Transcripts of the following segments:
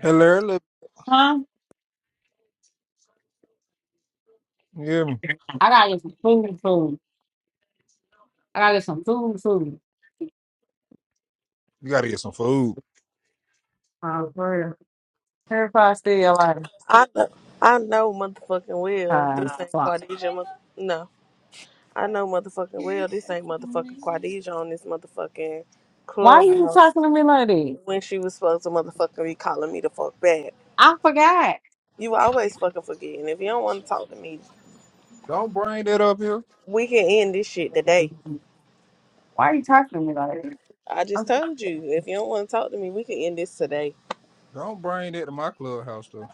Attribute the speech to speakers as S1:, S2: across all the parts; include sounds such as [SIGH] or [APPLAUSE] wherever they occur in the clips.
S1: Hey Larry, look,
S2: Huh?
S1: you hear me?
S2: I gotta get some food, food. I gotta get some food, food.
S1: You gotta get some food.
S2: Um, for real. Terrified still like,
S3: I know, I know motherfucking well
S2: uh,
S3: this ain't
S2: fuck.
S3: Quadija. mo- No, I know motherfucking well this ain't motherfucking Quadija on this motherfucking
S2: Why are you
S3: clubhouse
S2: talking to me like that?
S3: when she was supposed to motherfucking be calling me the fuck back.
S2: I forgot.
S3: You always fucking forgetting. If you don't want to talk to me,
S1: Don't bring that up here.
S3: we can end this shit today.
S2: Why are you talking to me like that?
S3: I just
S2: I'm,
S3: told you. If you don't want to talk to me, we can end this today,
S1: Don't bring that to my clubhouse though.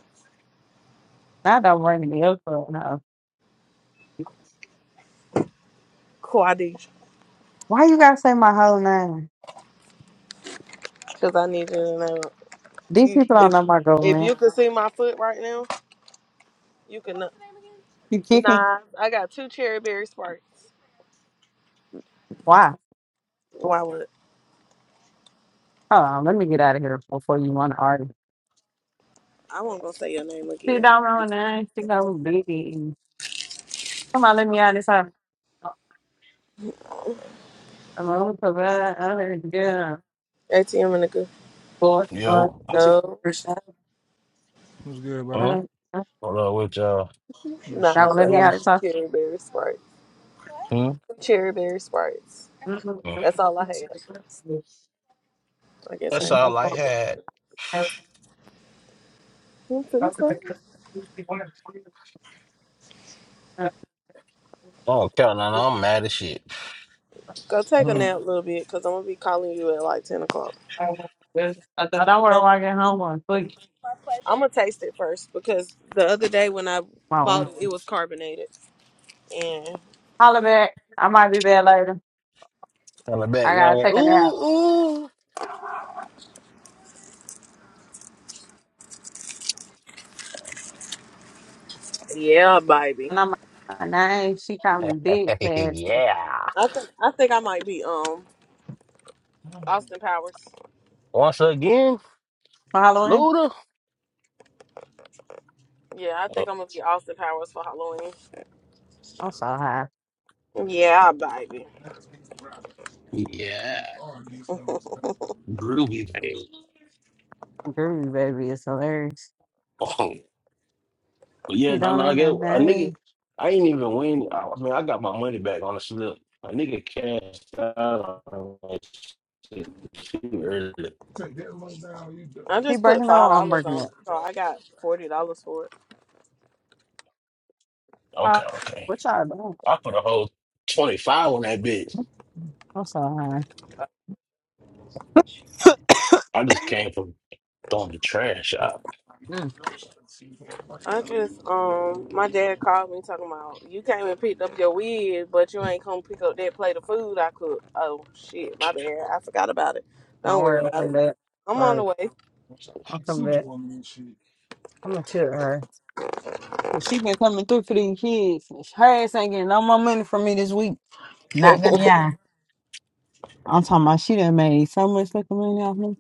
S2: now don't bring me up for no.
S3: Quadesia.
S2: Why you gotta say my whole name?
S3: Because I need you to know.
S2: These
S3: You,
S2: people don't
S3: if
S2: know my
S3: if
S2: government.
S3: you could see my foot right now, you can. know-
S2: You kidding?
S3: Nah, I got two cherry berry sparks.
S2: Why? Hold
S3: Why would
S2: on, let me get out of here before you want to argue.
S3: I won't go say your name
S2: She
S3: again?
S2: don't know my name. She goes big. Come on, let me out of this house. I'm gonna provide. other good.
S3: ATM and a good
S2: Lord, Lord,
S4: Yo,
S2: what you gonna
S3: no,
S2: first have?
S1: What's good, brother.
S4: Huh?
S2: Uh, uh,
S4: what up with y'all?
S1: Mm,
S2: Y'all
S3: nah.
S2: gonna
S1: shit.
S3: I
S2: let me
S3: got
S1: rolling.
S2: out
S3: some
S2: of time?
S3: cherry berry sprites.
S4: Hmm?
S3: Some cherry berry sprites.
S2: I
S4: Oh,
S3: That's all I have. I guess I
S4: That's
S3: ain't gonna
S4: all
S3: do
S4: I
S3: it. again.
S4: had.
S3: I'm finna cry.
S4: Oh, Carolina, I'm mad as shit.
S3: Go take a
S1: Mm.
S3: nap a little bit, cause I'm gonna be calling you at like ten o'clock.
S2: thought I were walking home on quick.
S3: I'm gonna taste it first because the other day when I bought
S2: Mom,
S3: it, it was carbonated. And
S2: holla back. I might be back later.
S4: Coming back
S2: I
S4: now,
S2: gotta
S4: like,
S2: take a nap.
S4: ooh, ooh.
S3: yeah, baby.
S2: And I'm like, nah, she coming big
S4: [LAUGHS]
S2: past me.
S4: yeah.
S3: I think I think I might be um Austin Powers.
S4: Once again,
S2: Following?
S4: Luda.
S3: Yeah, I
S4: Oh,
S3: think I'm gonna be Austin Powers for Halloween.
S2: I'm so high.
S3: Yeah, baby.
S4: yeah. Groovy, baby.
S2: Groovy baby is hilarious.
S4: Oh, but
S2: She
S4: yeah, no,
S2: don't
S4: no,
S2: know
S4: I
S2: my
S4: get a nigga.
S2: name.
S4: I ain't even win. I, I mean, I got my money back on the slip. A nigga cashed out on that shit too early.
S3: I
S2: He
S3: just put
S2: breaking
S3: five
S2: up, I'm
S3: dollars
S2: breaking
S3: on it,
S2: up.
S3: so I got forty dollars for it.
S2: Uh,
S4: Okay, okay.
S2: what y'all doing?
S4: I put a whole 25 on that bitch.
S2: That's all right.
S4: I just came from throwing the trash out.
S2: Mm,
S3: I just um my dad called me talking about you came and picked up your wig, but you ain't come pick up that plate of food I cooked. Oh shit, my bad. I forgot about it.
S2: don't
S3: Don't worry
S2: worry, I'll
S3: about
S2: come
S3: it.
S2: back.
S3: I'm
S2: All
S3: on the
S2: right,
S3: way.
S2: I'll come back. I'm gonna tell her. She been coming through for these kids. Her ass ain't getting no more money from me this week. Not gonna
S3: [LAUGHS]
S2: yeah. I'm talking about she done made so much fucking money off me.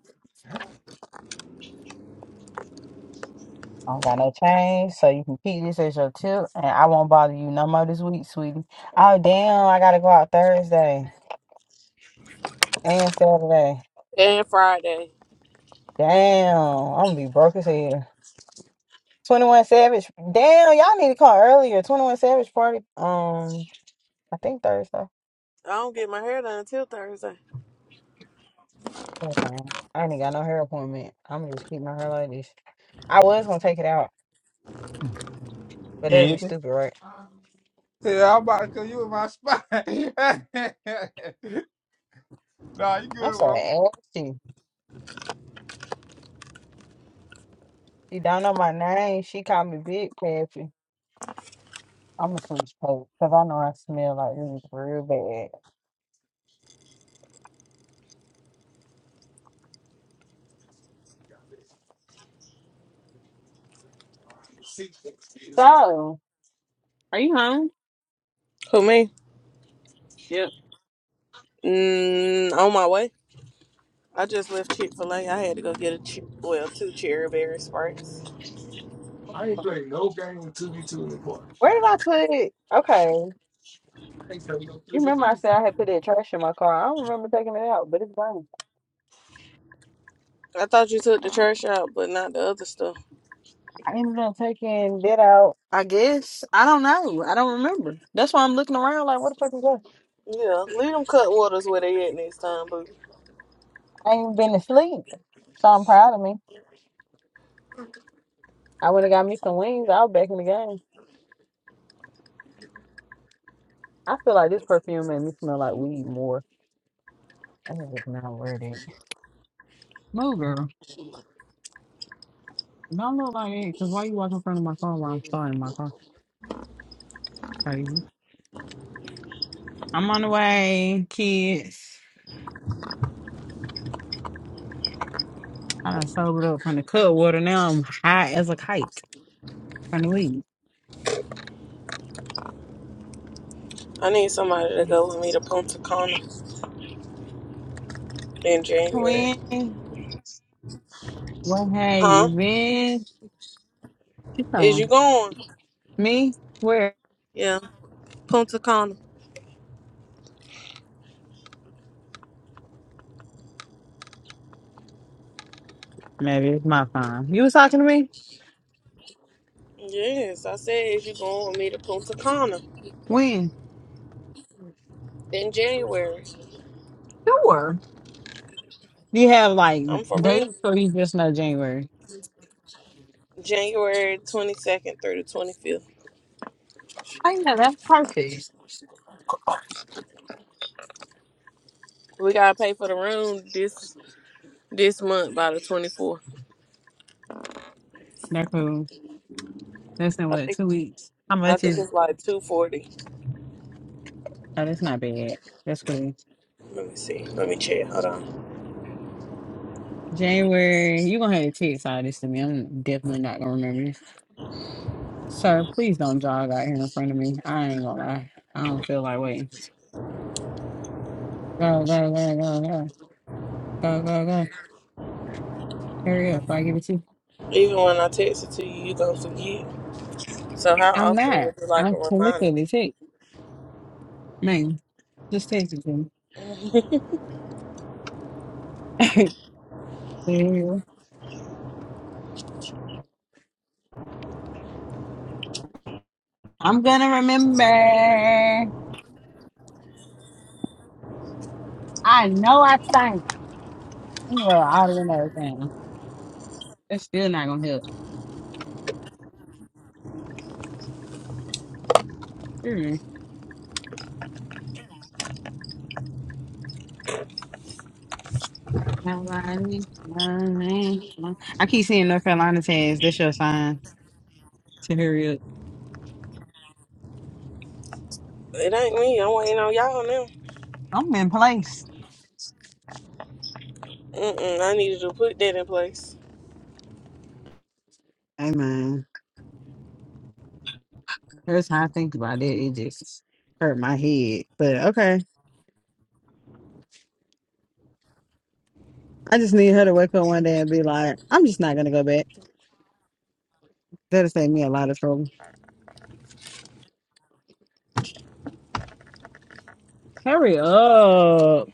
S2: I don't got no change, so you can keep this as your tip, and I won't bother you no more this week, sweetie. Oh damn, I gotta go out Thursday and Saturday.
S3: and Friday.
S2: Damn, I'm gonna be broke as hell. Twenty One Savage, damn, y'all need to call earlier. Twenty One Savage party, um, I think Thursday.
S3: I don't get my hair done until Thursday.
S2: Okay. I ain't got no hair appointment. I'm gonna just keep my hair like this. I was gonna take it out, but that'd be
S1: Anything?
S2: stupid, right?
S1: Yeah, I'm about to cause you in my spot. [LAUGHS] nah, you
S2: I'm
S1: good,
S2: so
S1: mom.
S2: ashy. She don't know my name. She called me Big Pappy. I'm gonna switch coat because I know I smell like weed real bad. So, Are you home?
S3: Who me?
S2: Yep.
S3: Mm, on my way. I just left Chick Fil A. I had to go get a che- well two cherry berry sprites.
S2: where did I put it? Okay, you remember I said I had put that trash in my car. I don't remember taking it out, but it's gone.
S3: I thought you took the trash out, but not the other stuff.
S2: I ended up taking that out. I guess I don't know. I don't remember. That's why I'm looking around like, what the fuck is that?
S3: Yeah, leave them cutwaters where they at next time, boo.
S2: I ain't been to sleep. So I'm proud of me. I would have got me some wings. I was back in the game. I feel like this perfume made me smell like weed more. I would have not wear it. No, girl. Don't look like it. Cause why you walk in front of my car while I'm starting my car? Crazy. I'm on the way, kids. I done sobered up from the cut water. Now I'm high as a kite from the weed.
S3: I need somebody to go with me to Punta Cana in January.
S2: Twin, what have you
S3: Huh?
S2: been? You
S3: Is you
S2: talking
S3: going?
S2: me? Where?
S3: Yeah, Punta Cana.
S2: Maybe it's my phone. You was talking to me?
S3: Yes, I said, is you going with me to Punta Cana
S2: When?
S3: in January?
S2: Sure. Do you have like
S3: I'm for real.
S2: dates or you just know January?
S3: January 22nd through the 25th.
S2: I know that's perfect.
S3: We gotta pay for the room this this month by the 24th.
S2: That's cool. That's in
S3: I
S2: what,
S3: think
S2: two weeks? How
S3: I
S2: much
S3: think
S2: is
S3: it's like 240.
S2: oh that's not bad. That's cool.
S3: Let me see. Let me check. Hold on.
S2: January, you're gonna have to text all this to me. I'm definitely not gonna remember. Sir, please don't jog out here in front of me. I ain't gonna lie. I don't feel like waiting. Go, go, go, go, go, go, go, go. Hurry up, before I give it to you.
S3: Even when I text it to you, you gonna forget. So how
S2: I'm
S3: often
S2: not.
S3: would you like a
S2: I'm
S3: reminder?
S2: literally text. Man, just take it
S3: [LAUGHS]
S2: to me. [LAUGHS] I'm gonna remember. I know I sang. You wrote all the windows down. That's still not gonna help. Mm. Nobody, nobody, no- I keep seeing North Carolina says that's your sign to hurry up.
S3: It ain't me. I'm waiting on y'all now.
S2: I'm in place.
S3: Mm-mm, I needed to put that in place.
S2: Amen. That's how I think about it. It just hurt my head. But okay. I just need her to wake up one day and be like, I'm just not gonna go back. That'll save me a lot of trouble. Hurry up.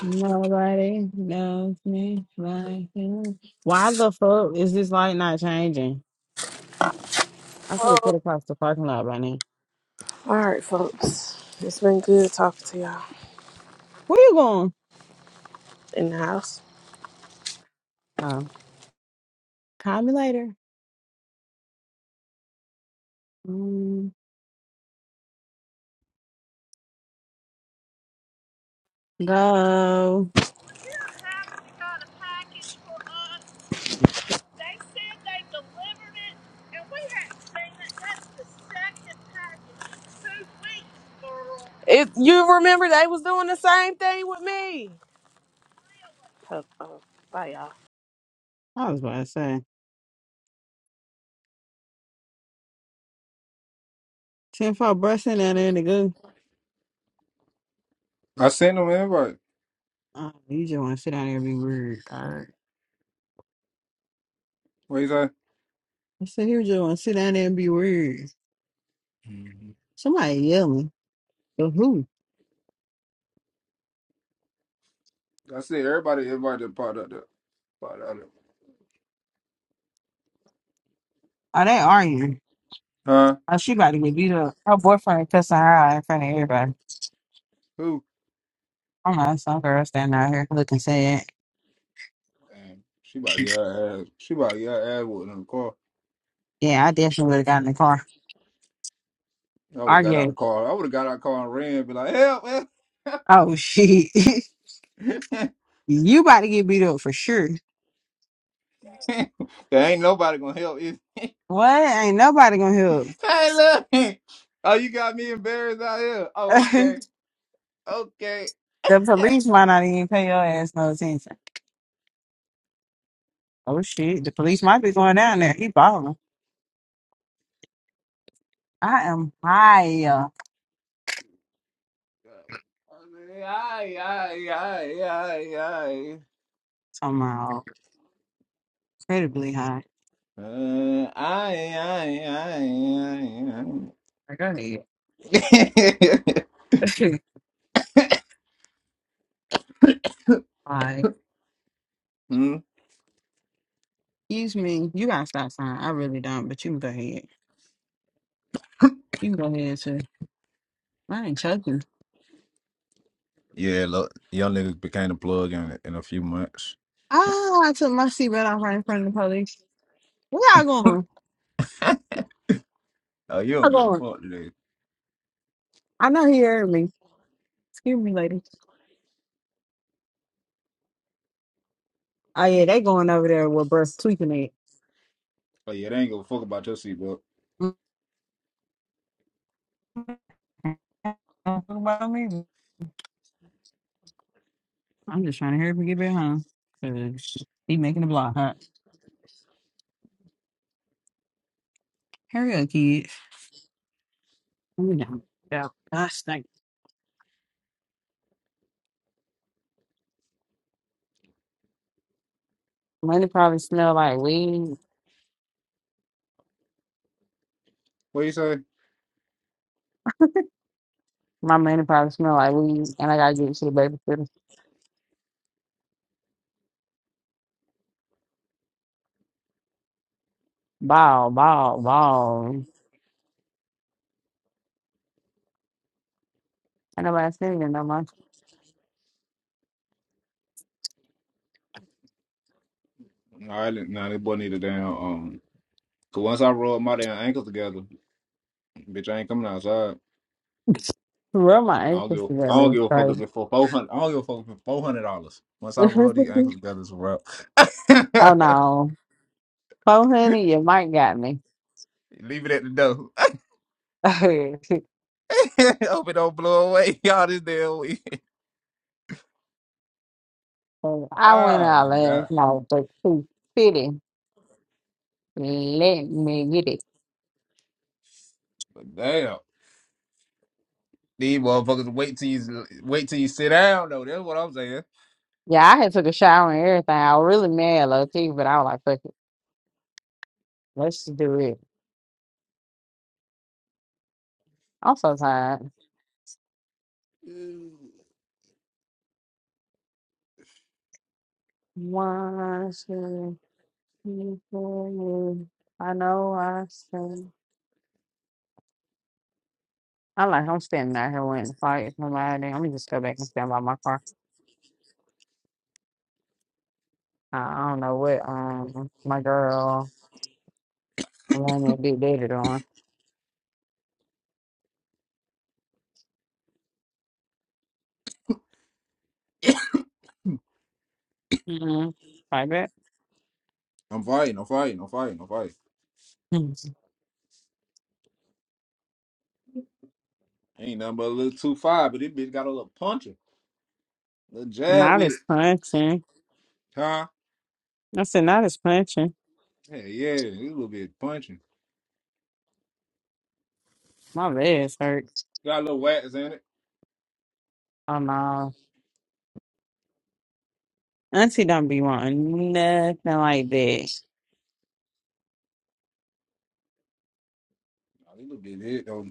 S2: Nobody knows me like you. Why the fuck is this light not changing? I could have
S3: Oh.
S2: put across the parking lot by now.
S3: All right, folks. It's been good talking to y'all
S2: Where you going?
S3: in the house.
S2: Oh, call me later. Mm, go.
S3: If you remember they was doing the same thing with me. Oh, oh, bye, y'all.
S2: I was about to say. 10 4 brushing down there to go.
S1: I sent him an invite.
S2: Oh, you just want to sit down there and be weird. All right.
S1: What you say?
S2: I said, here you just want to sit down there and be weird.
S1: Mhm.
S2: Somebody yelling. But who?
S1: I said everybody invite that part up there. Part out there.
S2: Are they arguing?
S1: Huh?
S2: Oh, she about to get beat up. Her boyfriend cussing her out in front of everybody.
S1: Who?
S2: I know some girl standing out here looking sad.
S1: Damn. She about to get her ass. She about to get her ass whooped in the car.
S2: Yeah, I definitely would have gotten in the car.
S1: I would have got out the
S2: Arguing.
S1: car. I would have got out the car and ran and be like, help, help.
S2: Oh shit.
S1: [LAUGHS]
S2: [LAUGHS] you about to get beat up for sure.
S1: [LAUGHS] there ain't nobody gonna help you. [LAUGHS]
S2: What? Ain't nobody gonna help.
S1: Hey, look. Oh, you got me embarrassed out here. Oh,
S2: [LAUGHS]
S1: okay. Okay.
S2: the police might not even pay your ass no attention. Oh shit. The police might be going down there. He balling. I am high
S1: Aye, aye, aye, aye, aye.
S2: somehow. Incredibly high.
S1: Uh, aye, aye, aye, aye,
S2: Go
S1: aye.
S2: ahead. [LAUGHS] Hi.
S1: [LAUGHS] hmm?
S2: Excuse me. You got a stop sign. I really don't, but you can go ahead. You can go ahead too. I ain't choking.
S1: Yeah, look, young niggas became a plug in in a few months.
S2: Ah, I took my seatbelt off right in front of the police. Where y'all going?
S1: Oh, you don't
S2: Y'all
S1: give a
S2: going?
S1: fuck today.
S2: I know he heard me. Excuse me, lady. Oh yeah, they going over there with breast tweaking it.
S1: Oh yeah, they ain't give a fuck about your seatbelt.
S2: Mm, Don't talk about me. I'm just trying to hurry up and get back home. 'cause he making the block huh? Hurry up, kid. You know. Yeah. I stink. Money probably smell like weed.
S1: What you say?
S2: My money probably smell like weed, and I gotta get to the babysitter. Ball, ball, ball. I nobody seen it no more.
S1: All right, now nah, this boy need a damn um. Cause once I rolled my damn ankles together. Bitch, I ain't coming outside.
S2: Where my
S1: I don't give.
S2: ankles
S1: I don't give a fuck
S2: together.
S1: if it's for four hundred. I don't give a fuck if it's four hundred dollars.
S2: [LAUGHS]
S1: Once I roll these ankles
S2: oh
S1: together, it's a wrap. [LAUGHS]
S2: no. Four hundred, your mic got me.
S1: Leave it at the door.
S2: [LAUGHS] I
S1: [LAUGHS] Hope it don't blow away. [LAUGHS] Y'all this damn week. [LAUGHS]
S2: went
S1: Oh
S2: out
S1: my god.
S2: last night for two fifty. Let me get it.
S1: But damn. These motherfuckers wait till you wait till you sit down though. That's what I'm saying.
S2: Yeah, I had took a shower and everything. I was really mad low key, but I was like, fuck it. Let's just do it. I'm so tired. One, two, three, four, I know I said I like I'm standing out here waiting to fight somebody. I'm gonna just go back and stand by my car. I I don't know what um my girl One that be dated on. Mm-hmm. Like that.
S1: I'm fighting. I'm fighting. I'm fighting. I'm fighting.
S2: Hmm.
S1: Ain't nothing but a little two five, but this bitch got a little puncher, little jab
S2: Not
S1: with
S2: as
S1: it,
S2: punching.
S1: huh?
S2: I said not as punching.
S1: Hey, yeah, this little bit punching.
S2: My legs hurt.
S1: Got a little wax in it.
S2: Oh no. Auntie don't be wanting nothing like that.
S1: Oh, this little bit hit.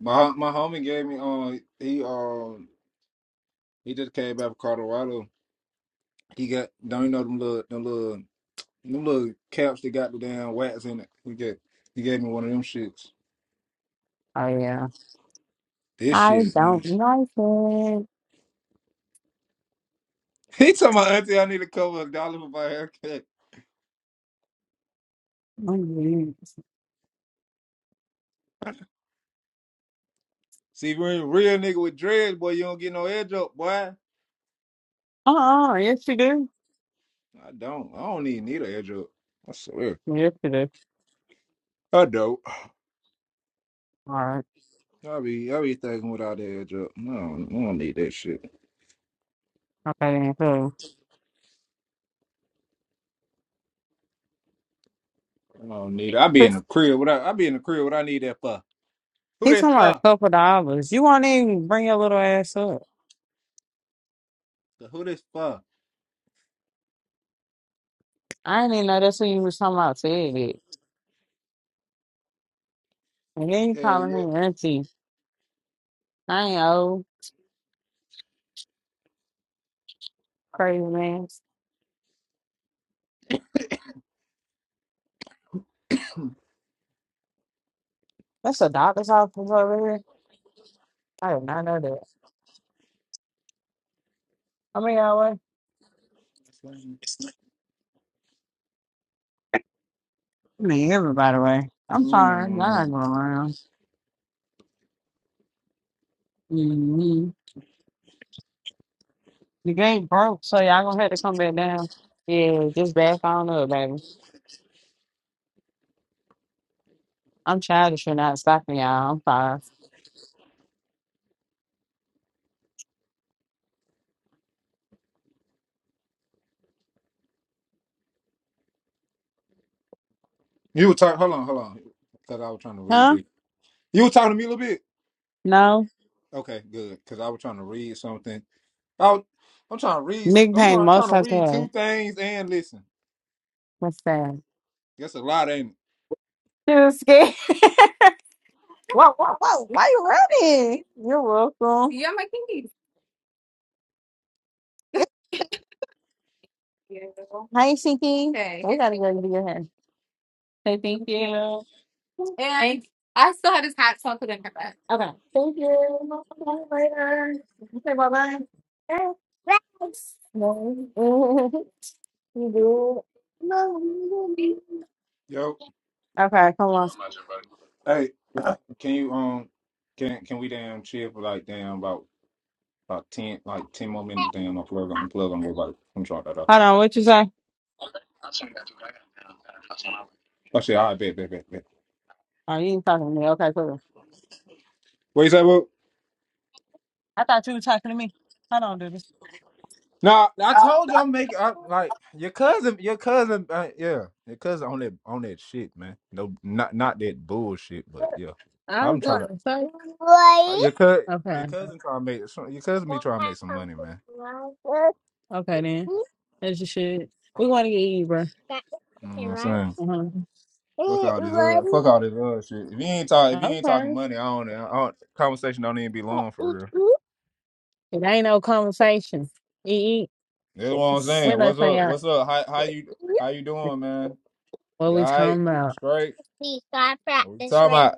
S1: My my homie gave me um he um he just came back from Colorado. He got don't you know them little them little them little caps that got the damn wax in it. He get he gave me one of them shits.
S2: Oh yeah.
S1: This
S2: I
S1: shit. [LAUGHS]
S2: don't like it.
S1: He told my auntie I need to cover a dollar for my haircut.
S2: Mhm.
S1: See, if you're a real nigga with dreads, boy, you don't get no edge up, boy.
S2: Uh-uh. Yes you do.
S1: I don't. I don't even need an edge up. I swear.
S2: Yes you do.
S1: I don't.
S2: All right.
S1: I be I be thinking without the edge up. No, I don't I don't need that shit.
S2: Okay then cool.
S1: I don't need it. I be
S2: [LAUGHS]
S1: in the crib. What I, I be in the crib. What I need that for? Who
S2: He's
S1: this
S2: talking about a
S1: for?
S2: couple dollars. You won't even bring your little ass up.
S1: The who this for?
S2: I didn't even know that's what you was talking about said it. And then you
S1: Yeah,
S2: calling
S1: yeah.
S2: me auntie. I ain't old. Crazy man. That's a doctor's office over here. I did not know that. I mean, I way. I mean, everybody way. I'm sorry. Y'all not
S1: Mm.
S2: going around. hmm The game broke, so y'all gonna have to come back down. Yeah, just back on up, baby. I'm childish for not stopping y'all. I'm sorry.
S1: You were talking. Hold on, hold on. Because I was trying to read
S2: Huh?
S1: it. You were talking to me a little bit.
S2: No.
S1: Okay, good. Because I was trying to read something. I was, I'm trying to read.
S2: Nick
S1: I'm
S2: Payne,
S1: try- trying
S2: most
S1: to
S2: of
S1: read
S2: the
S1: two things and listen.
S2: What's that?
S1: That's a lot, ain't it?
S2: Too scared. [LAUGHS] whoa, whoa, whoa. Why you running? You're welcome. You're my kitty. Hi, Shinky. Hey. We gotta go to your head. Say thank you. Okay. Thank you. Bye later. Say bye bye. Thanks. No. [LAUGHS] you do. No. you do.
S1: Yo,
S2: Okay, come on.
S1: hey, [COUGHS] [CLEARS THROAT] can you um, can can we damn chill for like damn about about ten like ten more minutes? Damn, my plug on plug on everybody. I'm trying that up.
S2: Hold on. What you say?
S1: I said, all right, bet, bet, bet, bet.
S2: Oh, you ain't talking to me. Okay, cool.
S1: What you say, bro?
S2: I thought you were talking to me. Hold on, dude.
S1: Now I told you I'm making I, like your cousin, your cousin, uh, yeah, your cousin on that on that shit, man. No, not not that bullshit, but yeah,
S2: I was
S1: I'm trying
S2: going
S1: to
S2: to say.
S1: uh, your cousin, your
S2: Okay.
S1: cousin trying to make some- your cousin be trying to make some money, man.
S2: Okay, then. That's your shit. We want to get you, bro.
S1: You know what I'm saying?
S2: Uh-huh.
S1: Fuck all this, uh, fuck all this other shit. If you ain't talk, if you ain't
S2: Okay.
S1: talking money, I don't, I don't. Conversation don't even be long for real.
S2: It ain't no conversation. Eat,
S1: That's what
S2: eat.
S1: I'm
S2: We're
S1: saying.
S2: not
S1: What's up?
S2: saying
S1: What's up? How how you how you doing, man?
S2: what
S1: You
S2: we
S1: all right?
S2: talking about.
S1: Straight? What we talking about?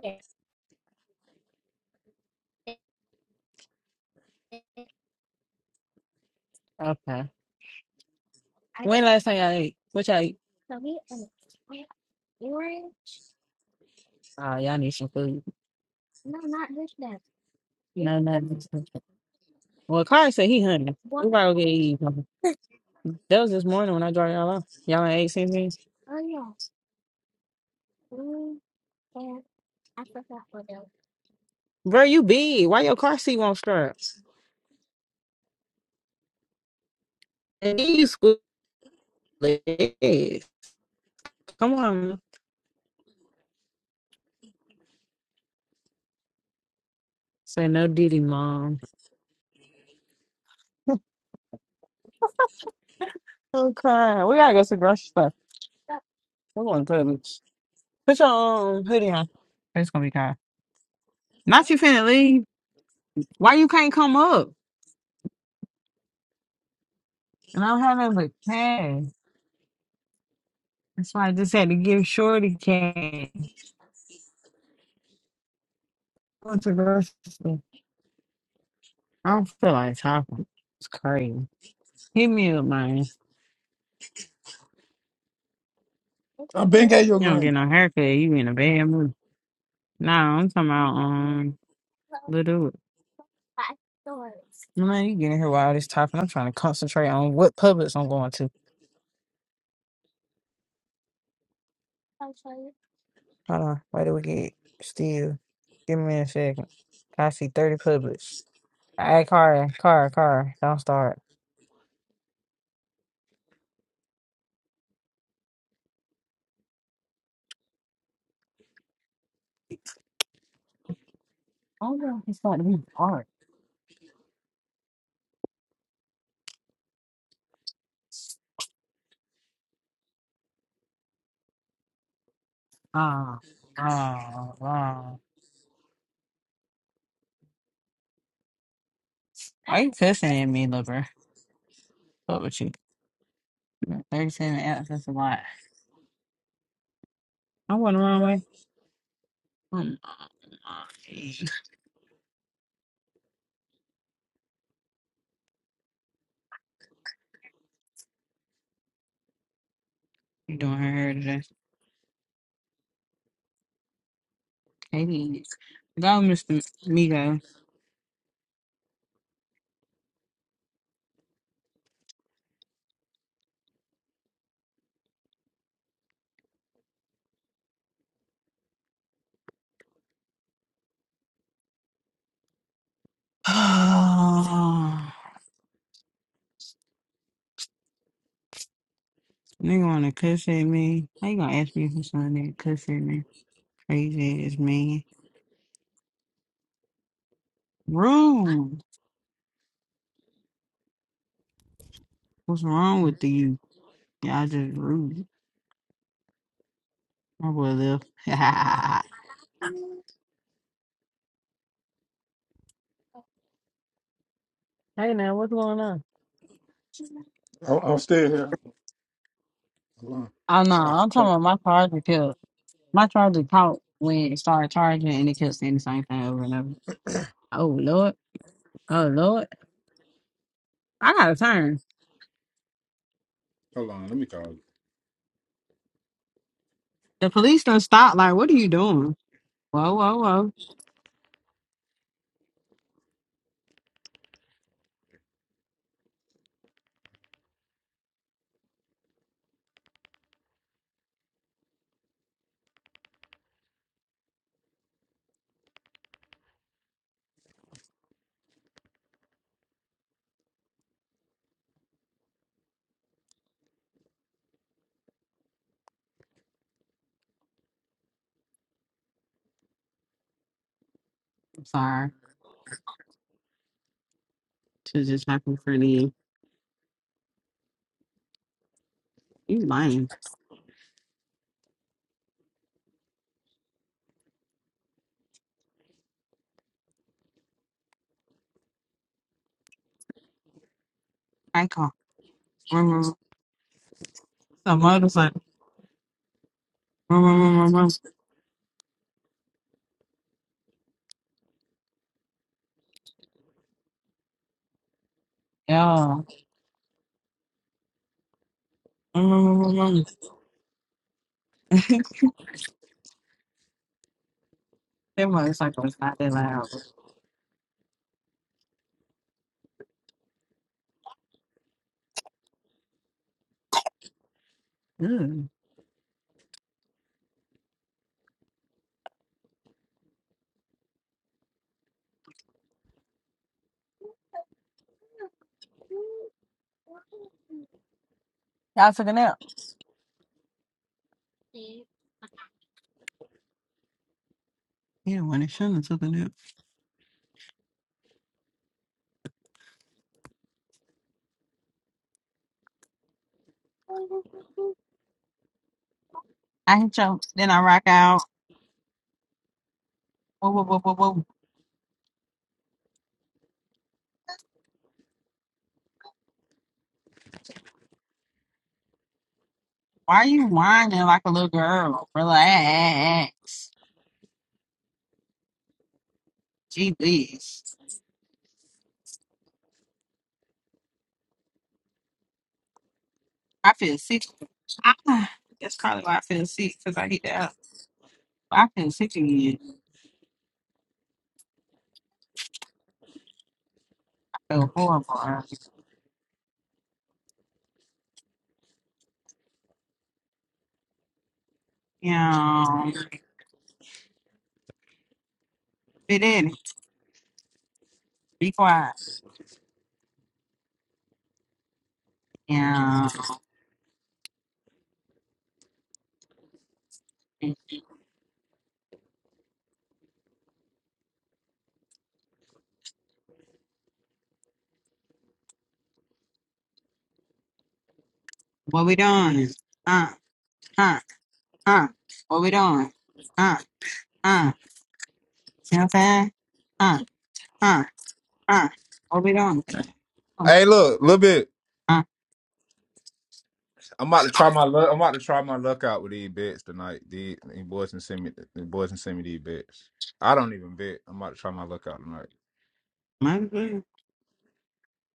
S2: Okay. I- When last time y'all ate? What y'all ate? Oh, y'all need some food. No, nothing. Well, Carl said he hungry. We probably gonna get eat. something. That was this morning when I dropped y'all off. Y'all ain't ate since then. Bro, you big. Why your car seat won't start? And then you squeeze legs. Come on. Say no diddy, mom. [LAUGHS] Oh, Kai. We gotta go to the grocery store. We're going to the Put your um, hoodie on. It's gonna be Kai. Not you finna leave. Why you can't come up? And I don't have nothing but cash. That's why I just had to give Shorty cash. Went to grocery store. I don't feel like talking. It's crazy. Hit me up, man.
S1: I been gave you
S2: You
S1: a
S2: don't get
S1: green.
S2: no haircut. You in a bad mood. Nah, I'm talking about um little. Man, you getting here while all this talking. I'm trying to concentrate on what Publix I'm going to. Hold on. Where do we get? Still. Give me a second. I see 30 Publix. Hey, car, car, car. Don't start. Oh, no, it's about to be hard. Ah, ah, ah. Why you cussing at me, lover? What with you? 37 apps, that's a lot. I went the wrong way. Um, you doing her hair today. Katie. Go, Mr. Migo. [SIGHS] Oh, Nigga wanna cuss at me. How you gonna ask me for something that cuss at me? Crazy ass man. Rude. What's wrong with you? Y'all just rude. My boy left. [LAUGHS] Hey now, what's going on?
S1: I'm, I'm still here. Hold on.
S2: I know.
S1: Ah,
S2: I'm talking
S1: fuck.
S2: about my cars are killed. My charger caught when it started charging and it kept saying the same thing over and over. Oh Lord. Oh Lord. I gotta turn.
S1: hold on. Let me call you.
S2: The police don't stop. Like, what are you doing? Whoa, whoa, whoa. I'm sorry. Should just happened for me. You lying. I call. [LAUGHS] Vroom, vroom, vroom. Some motorcycle. [LAUGHS] Vroom, vroom, vroom, vroom, vroom. Yeah. [LAUGHS] Vroom, vroom, vroom, vroom, vroom. [LAUGHS] That motorcycle was not that loud. but- Ugh. Y'all took a nap. Yeah, when it shouldn't have took a nap. I had jumped. Then I rock out. Whoa, whoa, whoa, whoa, whoa. Why are you whining like a little girl? Relax. Jeez. I feel sick. Ah, that's probably why I feel sick because I get that. I feel sick again. I feel horrible. Yeah. Fit in. Be quiet. Yeah. What we doing? Uh, uh, uh. What we doing? Uh, uh. See what I'm saying? Uh, uh, uh. What we doing? Uh,
S1: Hey, look, little bit.
S2: uh.
S1: I'm about to try my luck. I'm about to try my luck out with these bets tonight. These, these boys and send me. The boys and send me these bets. I don't even bet. I'm about to try my luck out tonight.
S2: my,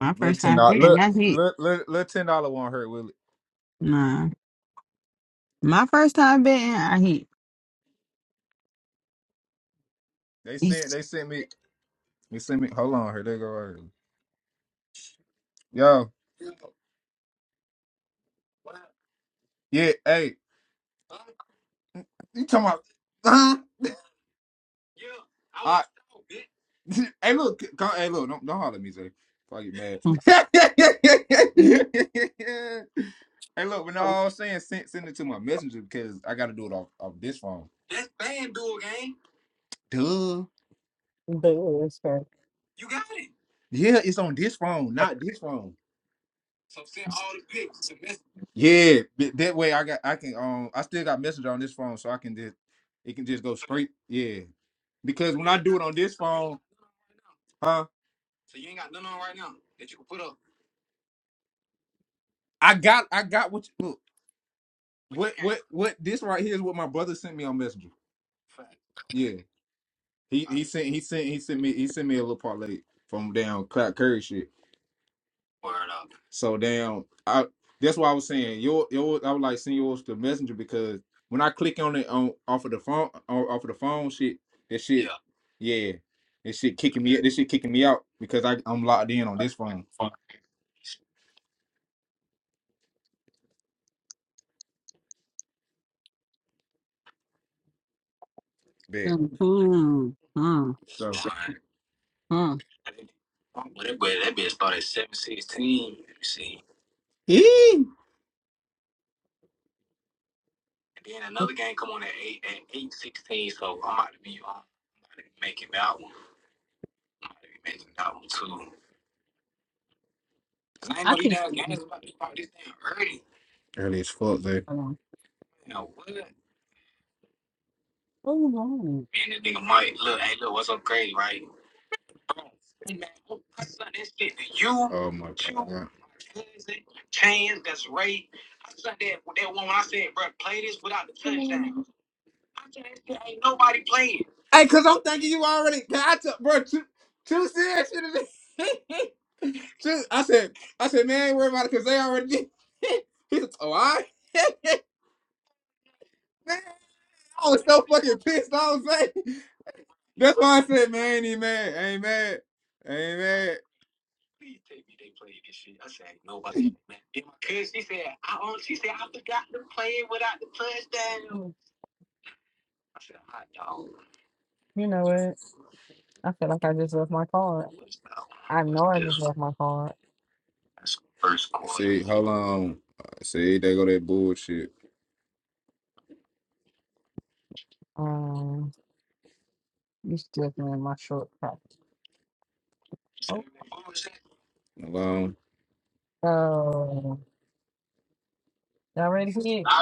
S2: my
S1: Little
S2: first
S1: ten
S2: time
S1: dollar.
S2: drinking.
S1: Look,
S2: That's it.
S1: look, look, little ten dollar won't hurt, will it?
S2: Nah. My first time betting, I hit.
S1: They sent.
S2: It's,
S1: They sent me. They sent me. Hold on. Here they go. Right here. Yo. Yeah. Hey. You talking about? Huh? [LAUGHS] hey, look, go, hey, look, don't, don't holler at me, Zay. If I get
S2: mm,
S1: mad. [LAUGHS] hey, look, when
S2: But
S1: I was saying send, send it to my messenger because I got to do it off, off this phone. Duh.
S2: it was fair.
S1: Yeah, it's on this phone, not this phone. Yeah, th- that way I got I can um I still got messenger on this phone, so I can just it can just go straight. Yeah, because when I do it on this phone, huh? I got I got what you, look what what what this right here is what my brother sent me on messenger. Yeah. He he sent he sent he sent me he sent me a little parlay from down Cloud Curry shit. So damn, I that's why I was saying your your I would like send yours to Messenger because when I click on it on off of the phone on, off of the phone shit that shit yeah yeah this shit kicking me this shit kicking me out because I I'm locked in on this phone bet
S2: mm, mm, mm,
S1: so
S2: mm.
S1: eee!
S2: I could.
S1: early as fuck man.
S2: Hold on.
S1: Oh my god. Hey, cause I'm thinking you already. Cause I took, bro, Too True said shit to me. [LAUGHS] True, I said, I said, man, ain't worry about it, cause they already did. [LAUGHS] He said, oh, I, [LAUGHS] man, I was so fucking pissed. I was like, that's why I said, man, ain't even mad, ain't mad, ain't mad.
S2: Mm. You know what? I feel like I just left my card. I know I just left my card.
S1: First quarter. See, hold on. See, they go that bullshit.
S2: Um, you still can in my short top? Oh,
S1: Hold on.
S2: oh, y'all ready for it?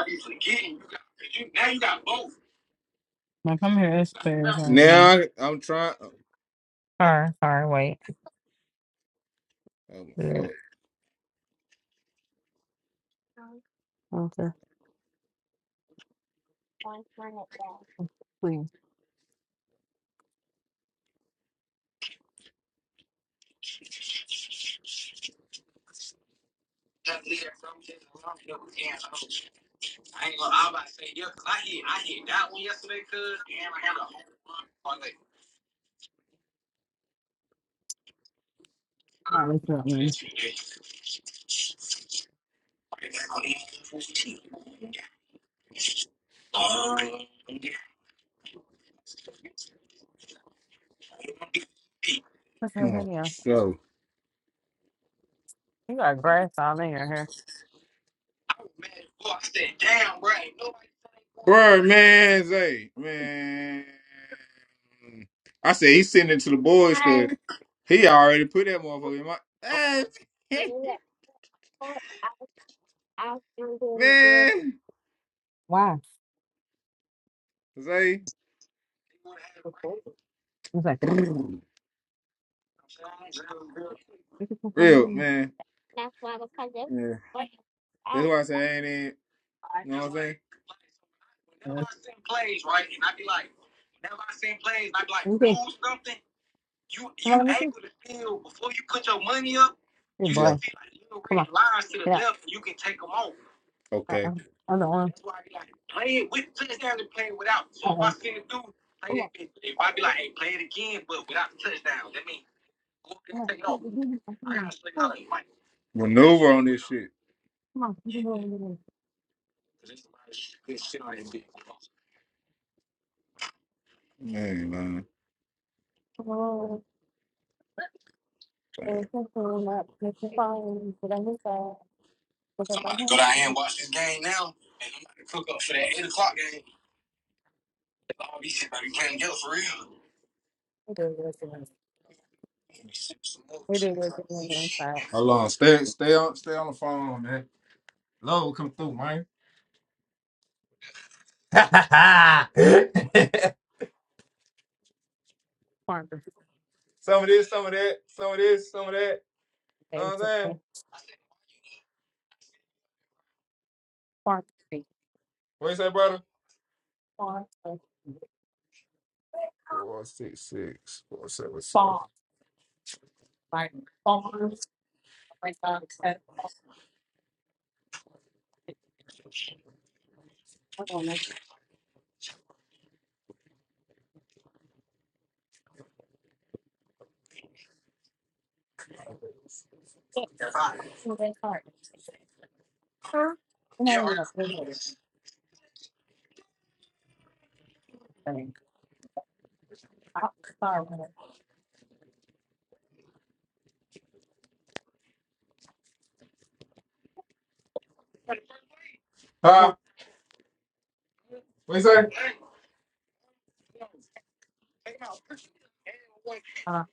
S2: Now come here, it's fair.
S1: Now I'm trying.
S2: Sorry, sorry, wait.
S1: Oh
S2: Yeah.
S1: my
S2: Okay, please. All right, let's go, man. What's up,
S1: fuck.
S2: yeah.
S1: Oh,
S2: You got grass all in your hair.
S1: Man, Boy, I said, damn, bro. Ain't nobody Bro, man, Zay, man. I said he sending it to the boys because he already put that motherfucker in my ass. [LAUGHS] man,
S2: Why?
S1: Zay.
S2: I was like, "Look at the
S1: Real,
S2: phone."
S1: man. Yeah. That's why I say I ain't in. You know what I'm saying?
S2: Let me see. Come on, let me see. Good
S1: You yeah.
S2: boy.
S1: just see, like, you
S2: Come on.
S1: ran lines to the
S2: Yeah.
S1: left and you can take them off.
S2: Uh-uh.
S1: Okay.
S2: Other one. Uh-oh. Come on. Oh, come on. Come on. Oh,
S1: Maneuver on this shit.
S2: Come on. Come on.
S1: Man, man.
S2: Come on.
S1: man.
S2: It's so cool. Not just the phone, but I miss that. Look at my hand. We do this and- we do this and we do that.
S1: Hold on. Stay, stay on, stay on the phone, man. Love will come through, man. [LAUGHS] some
S2: Farm to-
S1: of this, some of that, some of this, some of that. You know what I'm saying?
S2: Farm to-
S1: What you say, brother?
S2: farm to- farm to- farm, like, farm, like, uh, eh, farm to- I don't know. Oh, that's hard. Huh? No, Oh,
S1: Huh?
S2: Well,
S1: What you say?
S2: uh,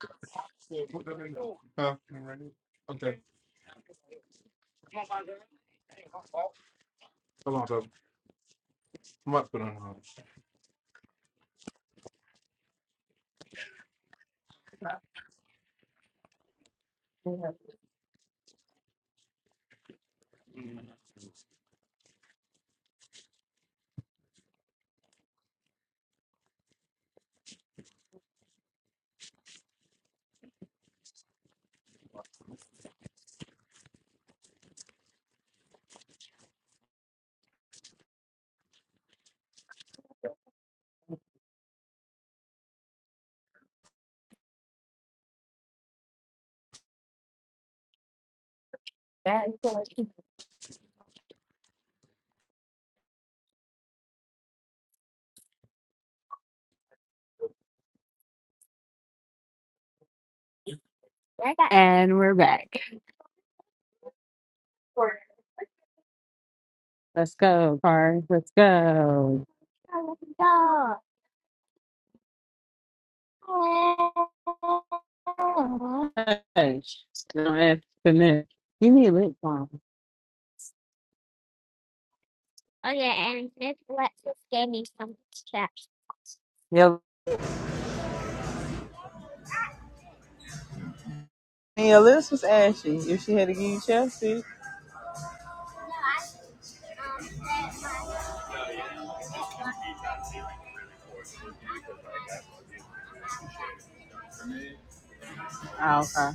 S2: So right And we're back. Let's go, Car. Let's go. Hush. Don't have to miss. You need lip balm. Yep. And your lips was ashy. If she had to give you chapstick. Oh, okay.